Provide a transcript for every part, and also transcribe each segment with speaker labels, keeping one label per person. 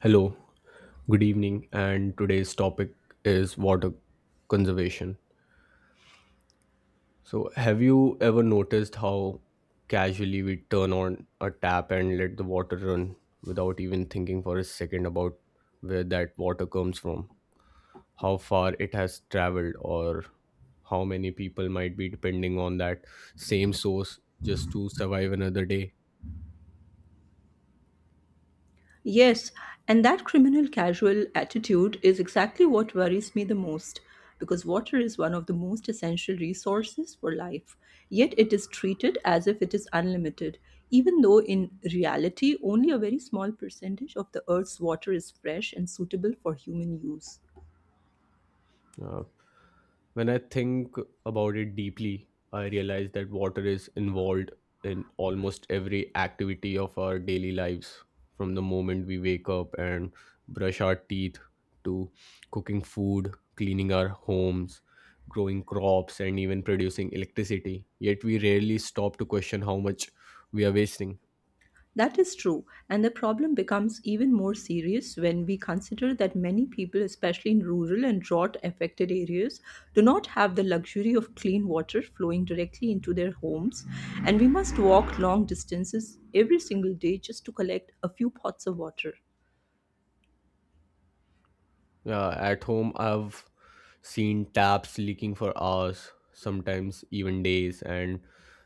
Speaker 1: Hello, good evening, and today's topic is water conservation. So, have you ever noticed how casually we turn on a tap and let the water run without even thinking for a second about where that water comes from, how far it has traveled, or how many people might be depending on that same source just to survive another day?
Speaker 2: Yes, and that criminal casual attitude is exactly what worries me the most because water is one of the most essential resources for life. Yet it is treated as if it is unlimited, even though in reality only a very small percentage of the Earth's water is fresh and suitable for human use.
Speaker 1: Uh, When I think about it deeply, I realize that water is involved in almost every activity of our daily lives, from the moment we wake up and brush our teeth to cooking food, cleaning our homes, growing crops, and even producing electricity. Yet we rarely stop to question how much we are wasting.
Speaker 2: That is true, and the problem becomes even more serious when we consider that many people, especially in rural and drought affected areas, do not have the luxury of clean water flowing directly into their homes, and we must walk long distances every single day just to collect a few pots of water.
Speaker 1: Yeah, at home, I've seen taps leaking for hours, sometimes even days, and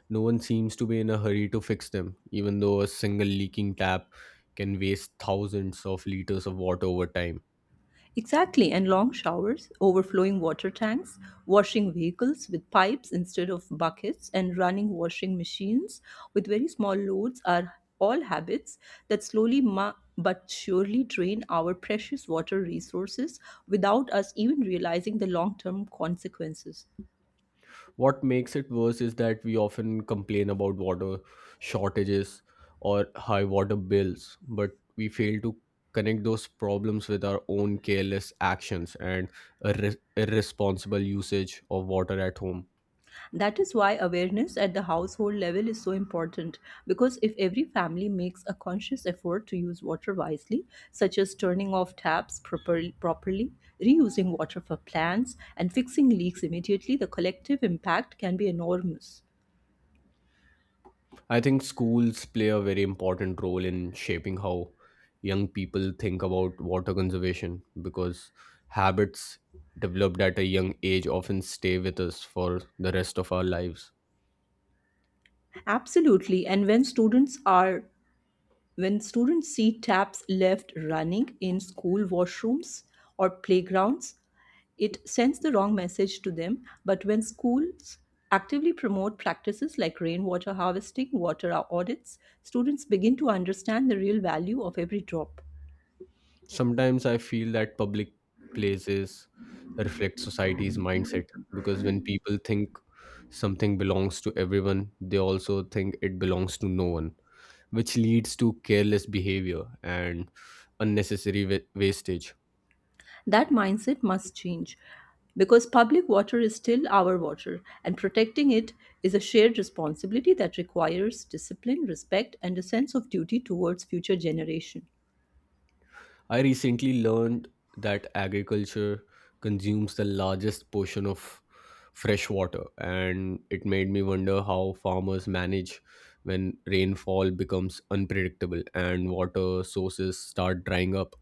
Speaker 1: no one seems to be in a hurry to fix them, even though a single leaking tap can waste thousands of liters of water over time.
Speaker 2: Exactly, and long showers, overflowing water tanks, washing vehicles with pipes instead of buckets, and running washing machines with very small loads are all habits that but surely drain our precious water resources without us even realizing the long term consequences.
Speaker 1: What makes it worse is that we often complain about water shortages or high water bills, but we fail to connect those problems with our own careless actions and irresponsible usage of water at home.
Speaker 2: That is why awareness at the household level is so important because if every family makes a conscious effort to use water wisely, such as turning off taps properly, properly reusing water for plants, and fixing leaks immediately, the collective impact can be enormous.
Speaker 1: I think schools play a very important role in shaping how young people think about water conservation because habits developed at a young age often stay with us for the rest of our lives.
Speaker 2: Absolutely. And when students are When students see taps left running in school washrooms or playgrounds, it sends the wrong message to them. But when schools actively promote practices like rainwater harvesting, water audits, students begin to understand the real value of every drop.
Speaker 1: Sometimes I feel that public places reflect society's mindset because when people think something belongs to everyone, they also think it belongs to no one, which leads to careless behavior and unnecessary wastage.
Speaker 2: That mindset must change because public water is still our water and protecting it is a shared responsibility that requires discipline, respect, and a sense of duty towards future generations.
Speaker 1: I recently learned that agriculture consumes the largest portion of fresh water, and it made me wonder how farmers manage when rainfall becomes unpredictable and water sources start drying up.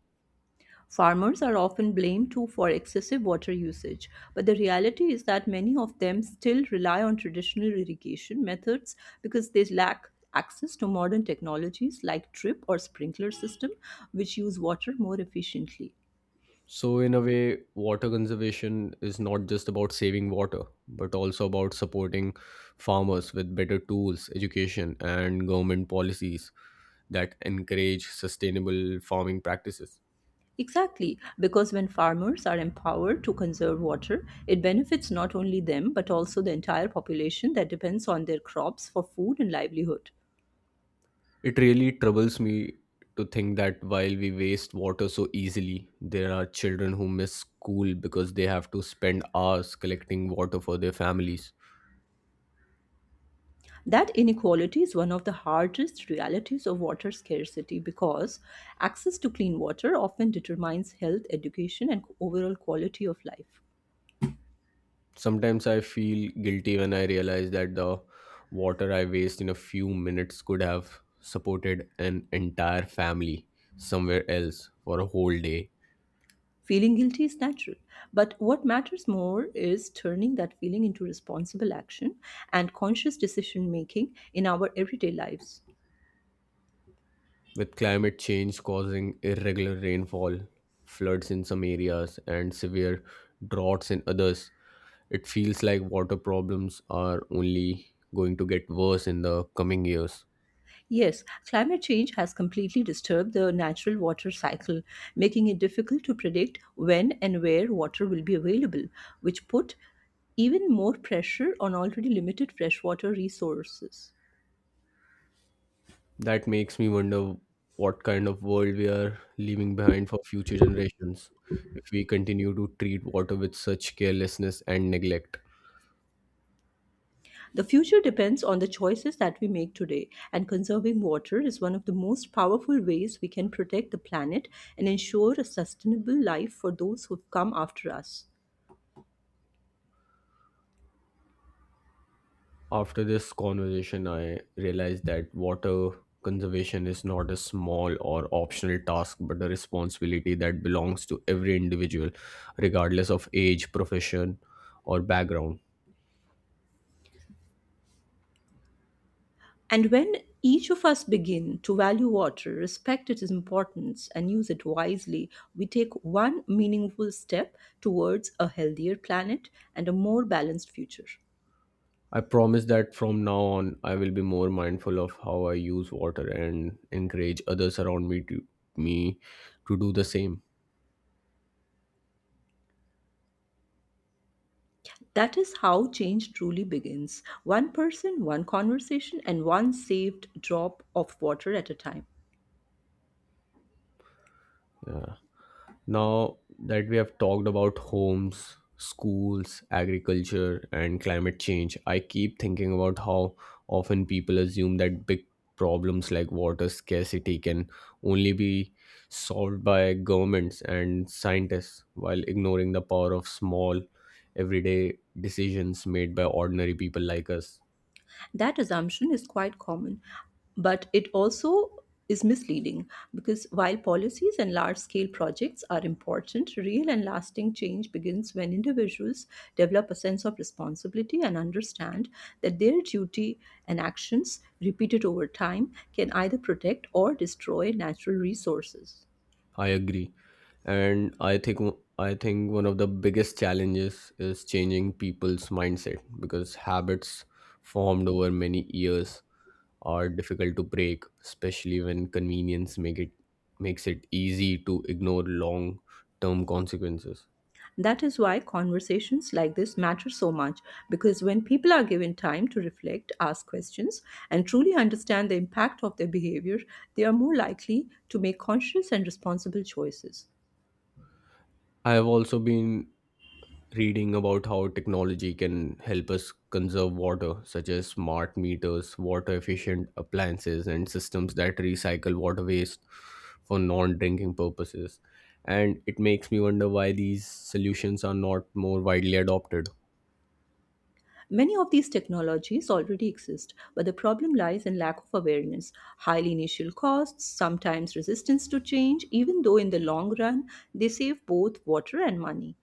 Speaker 2: Farmers are often blamed too for excessive water usage, but the reality is that many of them still rely on traditional irrigation methods because they lack access to modern technologies like drip or sprinkler system which use water more efficiently.
Speaker 1: So, in a way, water conservation is not just about saving water, but also about supporting farmers with better tools, education, and government policies that encourage sustainable farming practices.
Speaker 2: Exactly, because when farmers are empowered to conserve water, it benefits not only them but also the entire population that depends on their crops for food and livelihood.
Speaker 1: It really troubles me to think that while we waste water so easily, there are children who miss school because they have to spend hours collecting water for their families.
Speaker 2: That inequality is one of the hardest realities of water scarcity because access to clean water often determines health, education, and overall quality of life.
Speaker 1: Sometimes I feel guilty when I realize that the water I waste in a few minutes could have supported an entire family somewhere else for a whole day.
Speaker 2: Feeling guilty is natural, but what matters more is turning that feeling into responsible action and conscious decision making in our everyday lives.
Speaker 1: With climate change causing irregular rainfall, floods in some areas, and severe droughts in others, it feels like water problems are only going to get worse in the coming years.
Speaker 2: Yes, climate change has completely disturbed the natural water cycle, making it difficult to predict when and where water will be available, which put even more pressure on already limited freshwater resources.
Speaker 1: That makes me wonder what kind of world we are leaving behind for future generations if we continue to treat water with such carelessness and neglect.
Speaker 2: The future depends on the choices that we make today, and conserving water is one of the most powerful ways we can protect the planet and ensure a sustainable life for those who've come after us.
Speaker 1: After this conversation, I realized that water conservation is not a small or optional task but a responsibility that belongs to every individual, regardless of age, profession, or background.
Speaker 2: And when each of us begin to value water, respect its importance, and use it wisely, we take one meaningful step towards a healthier planet and a more balanced future.
Speaker 1: I promise that from now on, I will be more mindful of how I use water and encourage others around me to do the same.
Speaker 2: That is how change truly begins one person, one conversation, and one saved drop of water at a time.
Speaker 1: Yeah. Now that we have talked about homes, schools, agriculture, and climate change, I keep thinking about how often people assume that big problems like water scarcity can only be solved by governments and scientists while ignoring the power of small, everyday decisions made by ordinary people like us.
Speaker 2: That assumption is quite common, but it also is misleading because while policies and large scale projects are important, real and lasting change begins when individuals develop a sense of responsibility and understand that their duty and actions, repeated over time, can either protect or destroy natural resources.
Speaker 1: I agree. And I think one of the biggest challenges is changing people's mindset because habits formed over many years are difficult to break, especially when convenience makes it easy to ignore long-term consequences.
Speaker 2: That is why conversations like this matter so much, because when people are given time to reflect, ask questions, and truly understand the impact of their behavior, they are more likely to make conscious and responsible choices.
Speaker 1: I have also been reading about how technology can help us conserve water, such as smart meters, water efficient appliances, and systems that recycle water waste for non drinking purposes. And it makes me wonder why these solutions are not more widely adopted.
Speaker 2: Many of these technologies already exist, but the problem lies in lack of awareness, high initial costs, sometimes resistance to change, even though in the long run they save both water and money.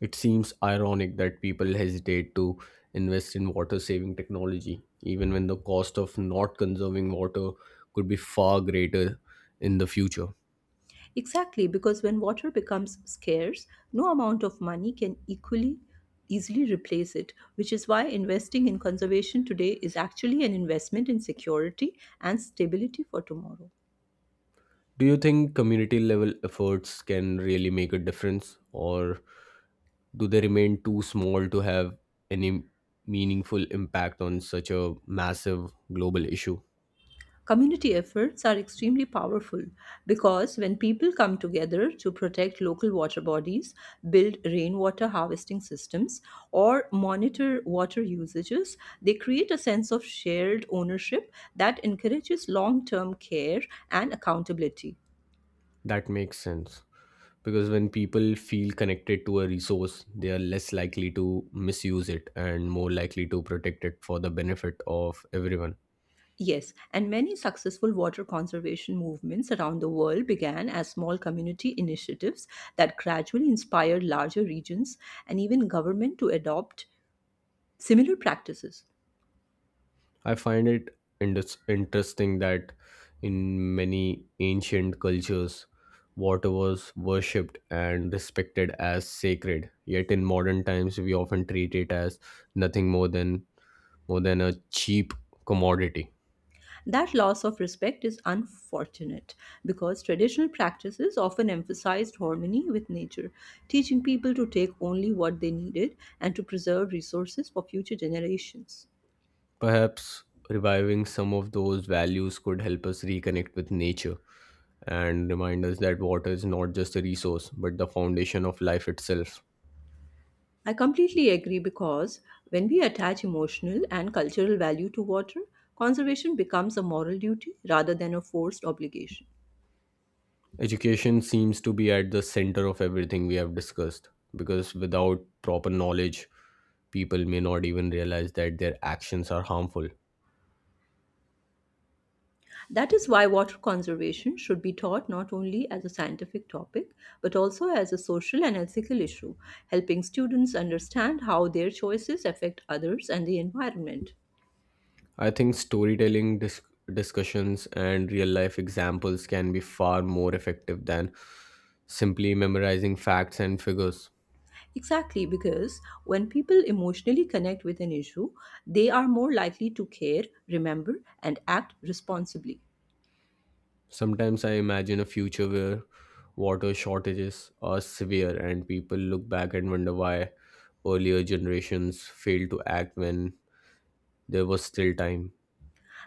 Speaker 1: It seems ironic that people hesitate to invest in water saving technology, even when the cost of not conserving water could be far greater in the future.
Speaker 2: Exactly, because when water becomes scarce, no amount of money can equally easily replace it, which is why investing in conservation today is actually an investment in security and stability for tomorrow.
Speaker 1: Do you think community level efforts can really make a difference, or do they remain too small to have any meaningful impact on such a massive global issue?
Speaker 2: Community efforts are extremely powerful because when people come together to protect local water bodies, build rainwater harvesting systems, or monitor water usages, they create a sense of shared ownership that encourages long term care and accountability.
Speaker 1: That makes sense because when people feel connected to a resource, they are less likely to misuse it and more likely to protect it for the benefit of everyone.
Speaker 2: Yes, and many successful water conservation movements around the world began as small community initiatives that gradually inspired larger regions and even government to adopt similar practices.
Speaker 1: I find it interesting that in many ancient cultures, water was worshipped and respected as sacred. Yet in modern times, we often treat it as nothing more than more than a cheap commodity.
Speaker 2: That loss of respect is unfortunate because traditional practices often emphasized harmony with nature, teaching people to take only what they needed and to preserve resources for future generations.
Speaker 1: Perhaps reviving some of those values could help us reconnect with nature and remind us that water is not just a resource but the foundation of life itself.
Speaker 2: I completely agree because when we attach emotional and cultural value to water, conservation becomes a moral duty rather than a forced obligation.
Speaker 1: Education seems to be at the center of everything we have discussed because without proper knowledge, people may not even realize that their actions are harmful.
Speaker 2: That is why water conservation should be taught not only as a scientific topic but also as a social and ethical issue, helping students understand how their choices affect others and the environment.
Speaker 1: I think storytelling discussions and real life examples can be far more effective than simply memorizing facts and figures.
Speaker 2: Exactly, because when people emotionally connect with an issue, they are more likely to care, remember, and act responsibly.
Speaker 1: Sometimes I imagine a future where water shortages are severe and people look back and wonder why earlier generations failed to act when there was still time.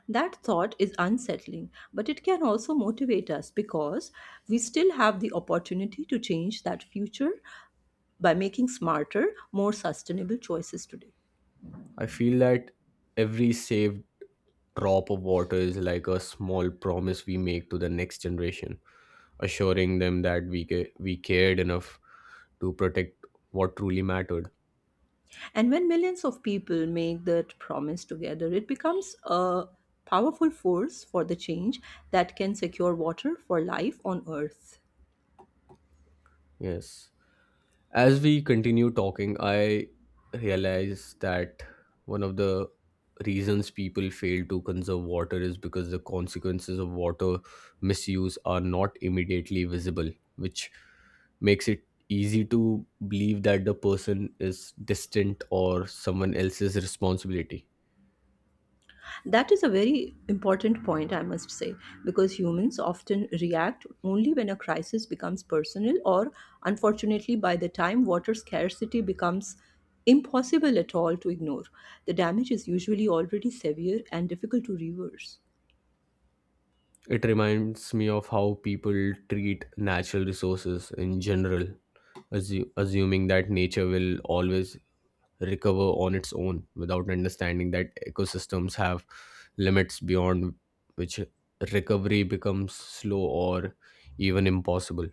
Speaker 2: That thought is unsettling, but it can also motivate us because we still have the opportunity to change that future by making smarter, more sustainable choices today.
Speaker 1: I feel that every saved drop of water is like a small promise we make to the next generation, assuring them that we cared enough to protect what truly mattered.
Speaker 2: And when millions of people make that promise together, it becomes a powerful force for the change that can secure water for life on earth.
Speaker 1: Yes. As we continue talking, I realize that one of the reasons people fail to conserve water is because the consequences of water misuse are not immediately visible, which makes it easy to believe that the person is distant or someone else's responsibility.
Speaker 2: That is a very important point, I must say, because humans often react only when a crisis becomes personal, or unfortunately, by the time water scarcity becomes impossible at all to ignore, the damage is usually already severe and difficult to reverse.
Speaker 1: It reminds me of how people treat natural resources in general, assuming that nature will always recover on its own without understanding that ecosystems have limits beyond which recovery becomes slow or even impossible.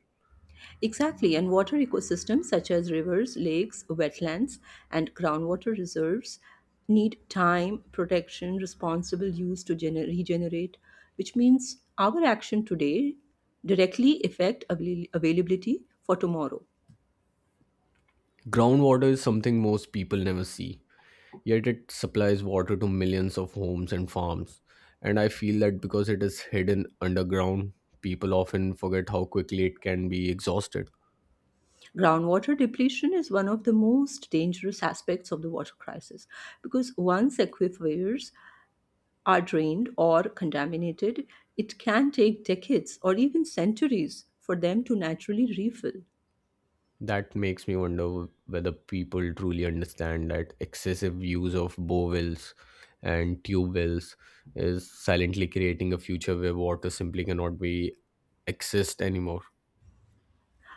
Speaker 2: Exactly, and water ecosystems such as rivers, lakes, wetlands, and groundwater reserves need time, protection, responsible use to regenerate, which means our action today directly affect availability for tomorrow.
Speaker 1: Groundwater is something most people never see, yet it supplies water to millions of homes and farms. And I feel that because it is hidden underground, people often forget how quickly it can be exhausted.
Speaker 2: Groundwater depletion is one of the most dangerous aspects of the water crisis because once aquifers are drained or contaminated, it can take decades or even centuries for them to naturally refill.
Speaker 1: That makes me wonder whether people truly understand that excessive use of bow wells and tube wells is silently creating a future where water simply cannot be accessed anymore.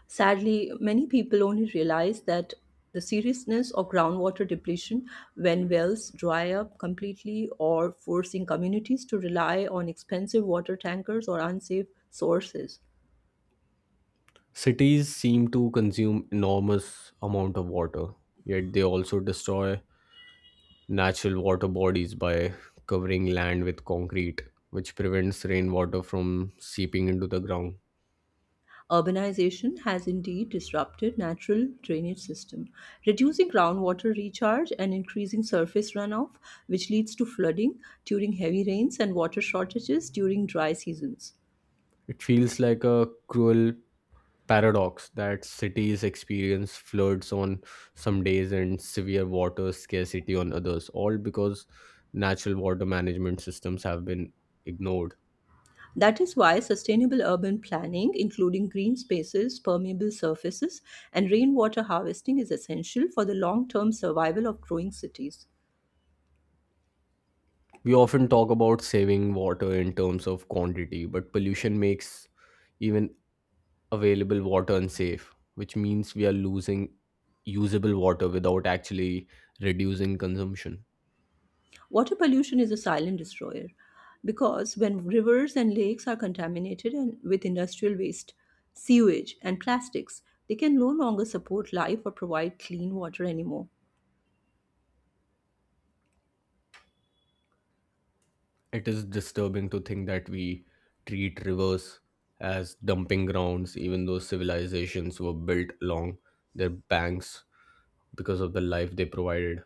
Speaker 2: Sadly, many people only realize that the seriousness of groundwater depletion when wells dry up completely or forcing communities to rely on expensive water tankers or unsafe sources.
Speaker 1: Cities seem to consume enormous amount of water, yet they also destroy natural water bodies by covering land with concrete, which prevents rainwater from seeping into the ground.
Speaker 2: Urbanization has indeed disrupted natural drainage system, reducing groundwater recharge and increasing surface runoff, which leads to flooding during heavy rains and water shortages during dry seasons.
Speaker 1: It feels like a cruel paradox that cities experience floods on some days and severe water scarcity on others, all because natural water management systems have been ignored.
Speaker 2: That is why sustainable urban planning, including green spaces, permeable surfaces, and rainwater harvesting, is essential for the long term survival of growing cities.
Speaker 1: We often talk about saving water in terms of quantity, but pollution makes even available water unsafe, which means we are losing usable water without actually reducing consumption.
Speaker 2: Water pollution is a silent destroyer because when rivers and lakes are contaminated and with industrial waste, sewage, and plastics, they can no longer support life or provide clean water anymore.
Speaker 1: It is disturbing to think that we treat rivers as dumping grounds, even though civilizations were built along their banks because of the life they provided.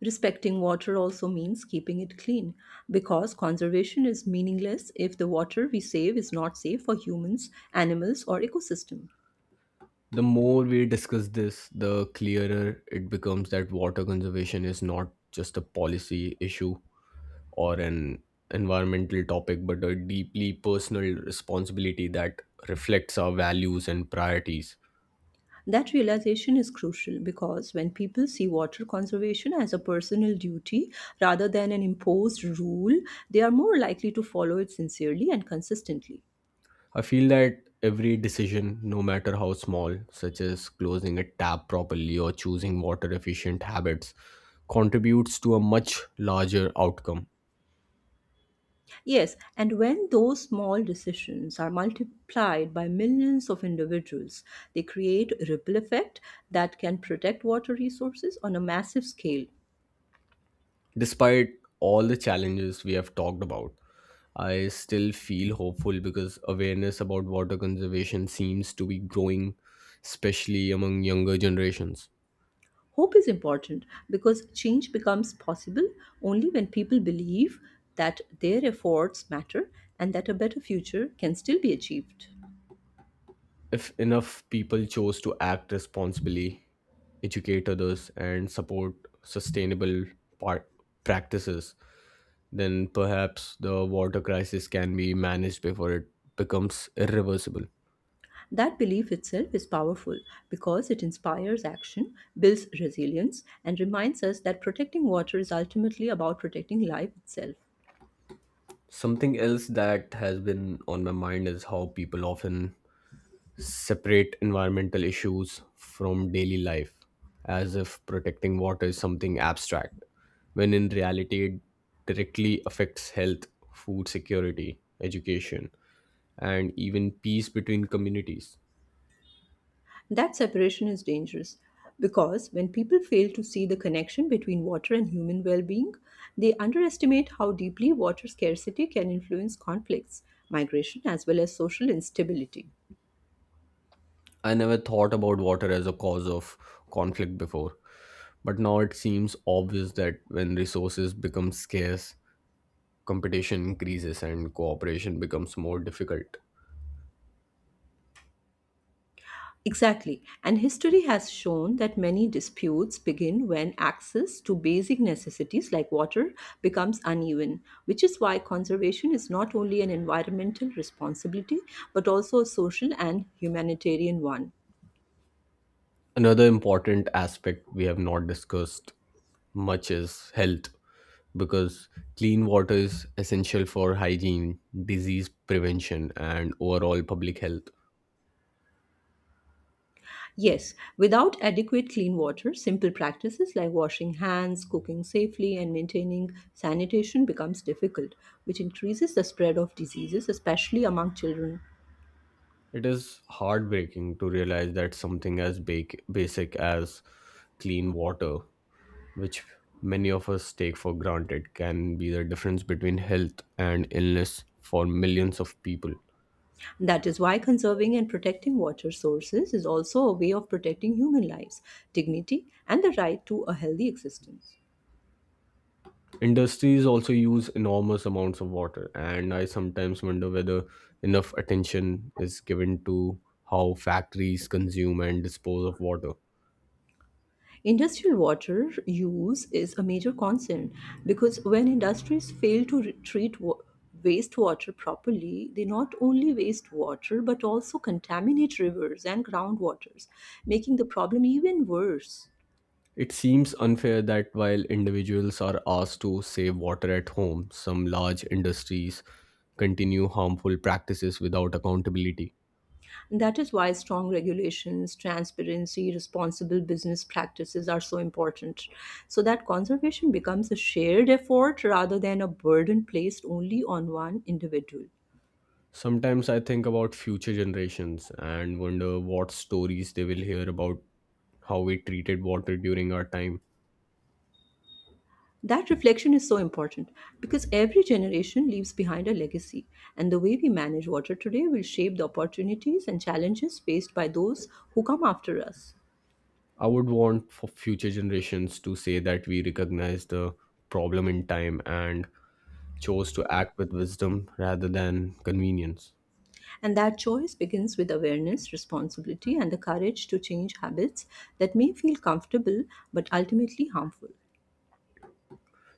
Speaker 2: Respecting water also means keeping it clean because conservation is meaningless if the water we save is not safe for humans, animals, or ecosystem.
Speaker 1: The more we discuss this, the clearer it becomes that water conservation is not just a policy issue or an environmental topic, but a deeply personal responsibility that reflects our values and priorities.
Speaker 2: That realization is crucial because when people see water conservation as a personal duty rather than an imposed rule, they are more likely to follow it sincerely and consistently.
Speaker 1: I feel that every decision, no matter how small, such as closing a tap properly or choosing water efficient habits, contributes to a much larger outcome.
Speaker 2: Yes, and when those small decisions are multiplied by millions of individuals, they create a ripple effect that can protect water resources on a massive scale.
Speaker 1: Despite all the challenges we have talked about, I still feel hopeful because awareness about water conservation seems to be growing, especially among younger generations.
Speaker 2: Hope is important because change becomes possible only when people believe that their efforts matter and that a better future can still be achieved.
Speaker 1: If enough people chose to act responsibly, educate others, and support sustainable par- practices, then perhaps the water crisis can be managed before it becomes irreversible.
Speaker 2: That belief itself is powerful because it inspires action, builds resilience, and reminds us that protecting water is ultimately about protecting life itself.
Speaker 1: Something else that has been on my mind is how people often separate environmental issues from daily life, as if protecting water is something abstract, when in reality it directly affects health, food security, education, and even peace between communities.
Speaker 2: That separation is dangerous because when people fail to see the connection between water and human well being, they underestimate how deeply water scarcity can influence conflicts, migration, as well as social instability.
Speaker 1: I never thought about water as a cause of conflict before, but now it seems obvious that when resources become scarce, competition increases and cooperation becomes more difficult.
Speaker 2: Exactly, and history has shown that many disputes begin when access to basic necessities like water becomes uneven, which is why conservation is not only an environmental responsibility but also a social and humanitarian one.
Speaker 1: Another important aspect we have not discussed much is health because clean water is essential for hygiene, disease prevention, and overall public health.
Speaker 2: Yes, without adequate clean water, simple practices like washing hands, cooking safely, and maintaining sanitation becomes difficult, which increases the spread of diseases, especially among children.
Speaker 1: It is heartbreaking to realize that something as big, basic as clean water, which many of us take for granted, can be the difference between health and illness for millions of people.
Speaker 2: That is why conserving and protecting water sources is also a way of protecting human lives, dignity, and the right to a healthy existence.
Speaker 1: Industries also use enormous amounts of water, and I sometimes wonder whether enough attention is given to how factories consume and dispose of water.
Speaker 2: Industrial water use is a major concern because when industries fail to wastewater properly, they not only waste water but also contaminate rivers and groundwaters, making the problem even worse.
Speaker 1: It seems unfair that while individuals are asked to save water at home, some large industries continue harmful practices without accountability.
Speaker 2: That is why strong regulations, transparency, responsible business practices are so important, so that conservation becomes a shared effort rather than a burden placed only on one individual.
Speaker 1: Sometimes I think about future generations and wonder what stories they will hear about how we treated water during our time.
Speaker 2: That reflection is so important because every generation leaves behind a legacy, and the way we manage water today will shape the opportunities and challenges faced by those who come after us.
Speaker 1: I would want for future generations to say that we recognize the problem in time and chose to act with wisdom rather than convenience.
Speaker 2: And that choice begins with awareness, responsibility, and the courage to change habits that may feel comfortable but ultimately harmful.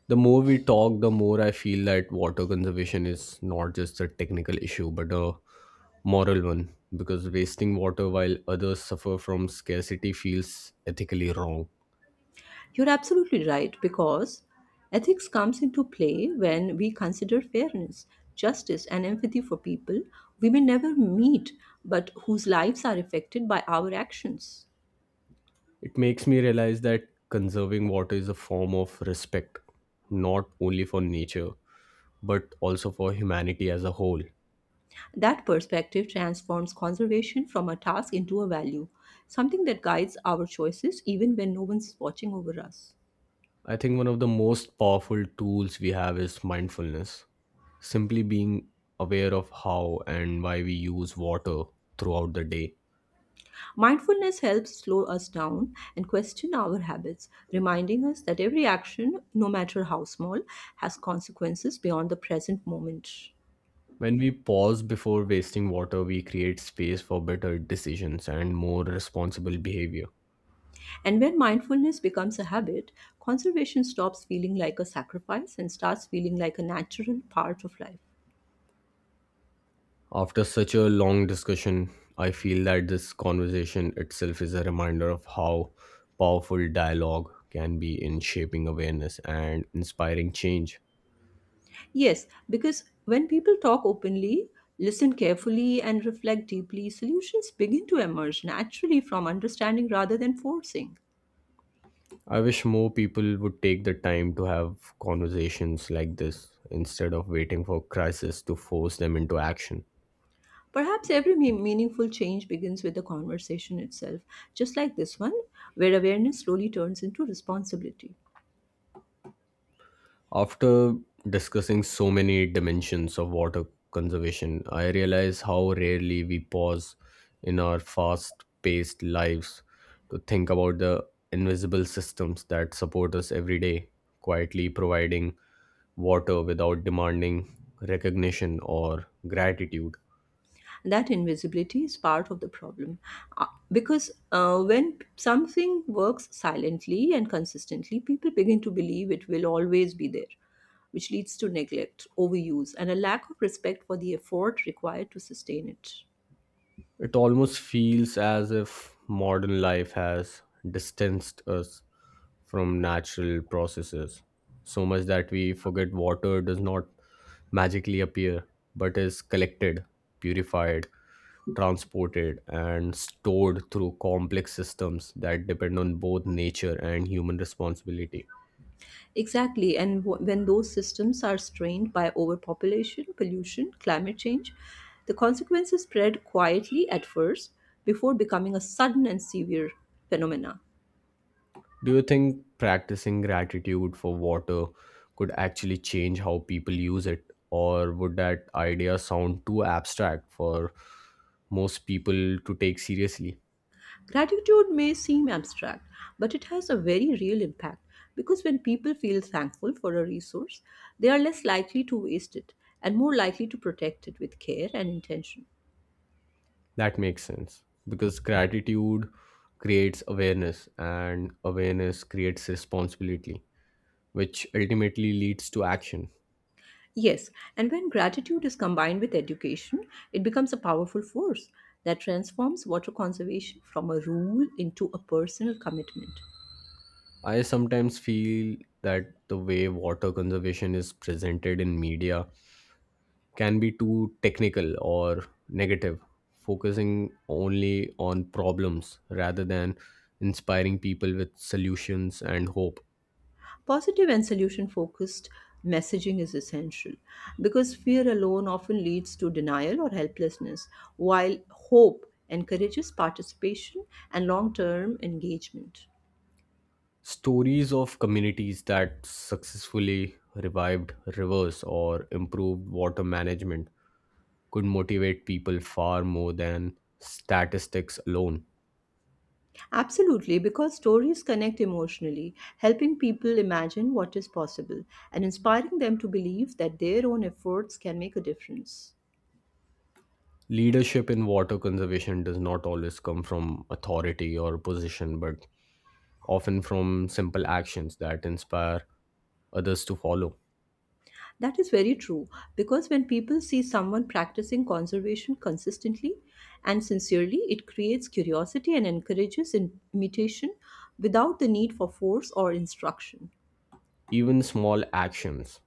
Speaker 1: The more we talk, the more I feel that water conservation is not just a technical issue but a moral one because wasting water while others suffer from scarcity feels ethically wrong.
Speaker 2: You're absolutely right, because ethics comes into play when we consider fairness, justice, and empathy for people we may never meet but whose lives are affected by our actions.
Speaker 1: It makes me realize that conserving water is a form of respect, not only for nature but also for humanity as a whole.
Speaker 2: That perspective transforms conservation from a task into a value, something that guides our choices even when no one's watching over us.
Speaker 1: I think one of the most powerful tools we have is mindfulness. Simply being aware of how and why we use water throughout the day.
Speaker 2: Mindfulness helps slow us down and question our habits, reminding us that every action, no matter how small, has consequences beyond the present moment.
Speaker 1: When we pause before wasting water, we create space for better decisions and more responsible behavior.
Speaker 2: And when mindfulness becomes a habit, conservation stops feeling like a sacrifice and starts feeling like a natural part of life.
Speaker 1: After such a long discussion, I feel that this conversation itself is a reminder of how powerful dialogue can be in shaping awareness and inspiring change.
Speaker 2: Yes, because when people talk openly, listen carefully, and reflect deeply, solutions begin to emerge naturally from understanding rather than forcing.
Speaker 1: I wish more people would take the time to have conversations like this instead of waiting for crisis to force them into action.
Speaker 2: Perhaps every meaningful change begins with the conversation itself, just like this one, where awareness slowly turns into responsibility.
Speaker 1: After discussing so many dimensions of water conservation, I realize how rarely we pause in our fast paced lives to think about the invisible systems that support us every day, quietly providing water without demanding recognition or gratitude.
Speaker 2: That invisibility is part of the problem. Uh, because when something works silently and consistently, people begin to believe it will always be there, which leads to neglect, overuse, and a lack of respect for the effort required to sustain it.
Speaker 1: It almost feels as if modern life has distanced us from natural processes so much that we forget water does not magically appear but is collected, purified, transported, and stored through complex systems that depend on both nature and human responsibility.
Speaker 2: Exactly, and when those systems are strained by overpopulation, pollution, climate change, the consequences spread quietly at first before becoming a sudden and severe phenomena.
Speaker 1: Do you think practicing gratitude for water could actually change how people use it, or would that idea sound too abstract for most people to take seriously?
Speaker 2: Gratitude may seem abstract, but it has a very real impact because when people feel thankful for a resource, they are less likely to waste it and more likely to protect it with care and intention.
Speaker 1: That makes sense because gratitude creates awareness, and awareness creates responsibility, which ultimately leads to action.
Speaker 2: Yes, and when gratitude is combined with education, it becomes a powerful force that transforms water conservation from a rule into a personal commitment.
Speaker 1: I sometimes feel that the way water conservation is presented in media can be too technical or negative, focusing only on problems rather than inspiring people with solutions and hope.
Speaker 2: Positive and solution focused messaging is essential because fear alone often leads to denial or helplessness, while hope encourages participation and long term engagement.
Speaker 1: Stories of communities that successfully revived rivers or improved water management could motivate people far more than statistics alone.
Speaker 2: Absolutely, because stories connect emotionally, helping people imagine what is possible and inspiring them to believe that their own efforts can make a difference.
Speaker 1: Leadership in water conservation does not always come from authority or position, but often from simple actions that inspire others to follow.
Speaker 2: That is very true, because when people see someone practicing conservation consistently and sincerely, it creates curiosity and encourages imitation without the need for force or instruction.
Speaker 1: Even small actions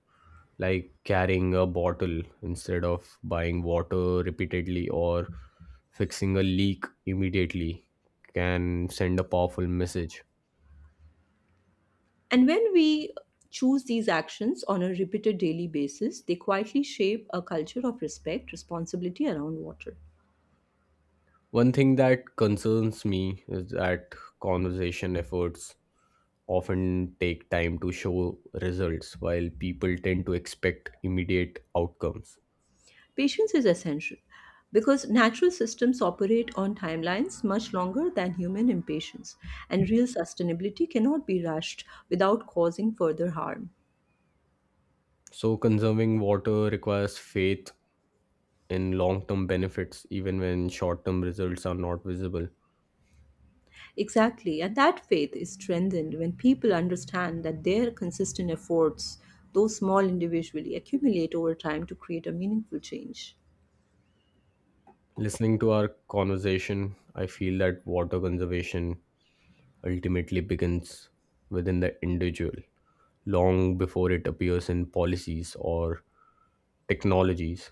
Speaker 1: like carrying a bottle instead of buying water repeatedly or fixing a leak immediately can send a powerful message.
Speaker 2: And when we choose these actions on a repeated daily basis, they quietly shape a culture of respect, responsibility around water.
Speaker 1: One thing that concerns me is that conservation efforts often take time to show results while people tend to expect immediate outcomes.
Speaker 2: Patience is essential because natural systems operate on timelines much longer than human impatience, and real sustainability cannot be rushed without causing further harm.
Speaker 1: So, conserving water requires faith in long term benefits, even when short term results are not visible.
Speaker 2: Exactly, and that faith is strengthened when people understand that their consistent efforts, though small individually, accumulate over time to create a meaningful change.
Speaker 1: Listening to our conversation, I feel that water conservation ultimately begins within the individual, long before it appears in policies or technologies.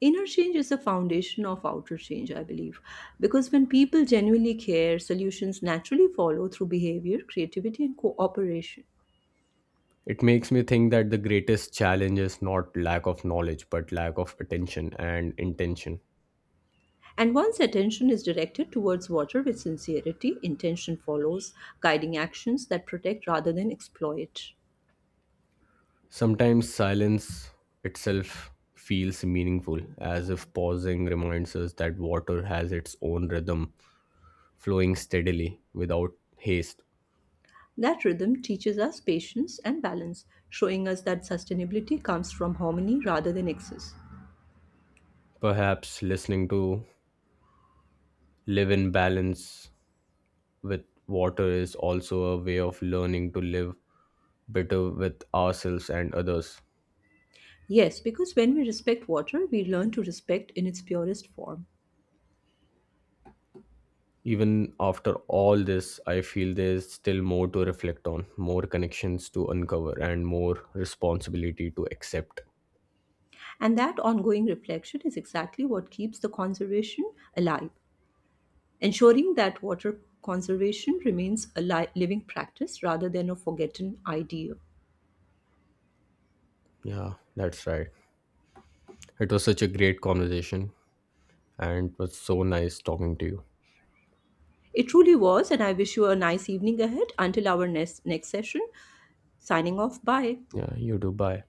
Speaker 2: Inner change is the foundation of outer change, I believe, because when people genuinely care, solutions naturally follow through behavior, creativity, and cooperation.
Speaker 1: It makes me think that the greatest challenge is not lack of knowledge, but lack of attention and intention.
Speaker 2: And once attention is directed towards water with sincerity, intention follows, guiding actions that protect rather than exploit.
Speaker 1: Sometimes silence itself feels meaningful, as if pausing reminds us that water has its own rhythm flowing steadily without haste.
Speaker 2: That rhythm teaches us patience and balance, showing us that sustainability comes from harmony rather than excess.
Speaker 1: Perhaps listening to live in balance with water is also a way of learning to live better with ourselves and others.
Speaker 2: Yes, because when we respect water, we learn to respect in its purest form.
Speaker 1: Even after all this, I feel there's still more to reflect on, more connections to uncover, and more responsibility to accept.
Speaker 2: And that ongoing reflection is exactly what keeps the conservation alive, ensuring that water conservation remains a living practice rather than a forgotten idea.
Speaker 1: Yeah, that's right. It was such a great conversation, and it was so nice talking to you.
Speaker 2: It truly was, and I wish you a nice evening ahead until our next session. Signing off. Bye.
Speaker 1: Yeah, you too. Bye.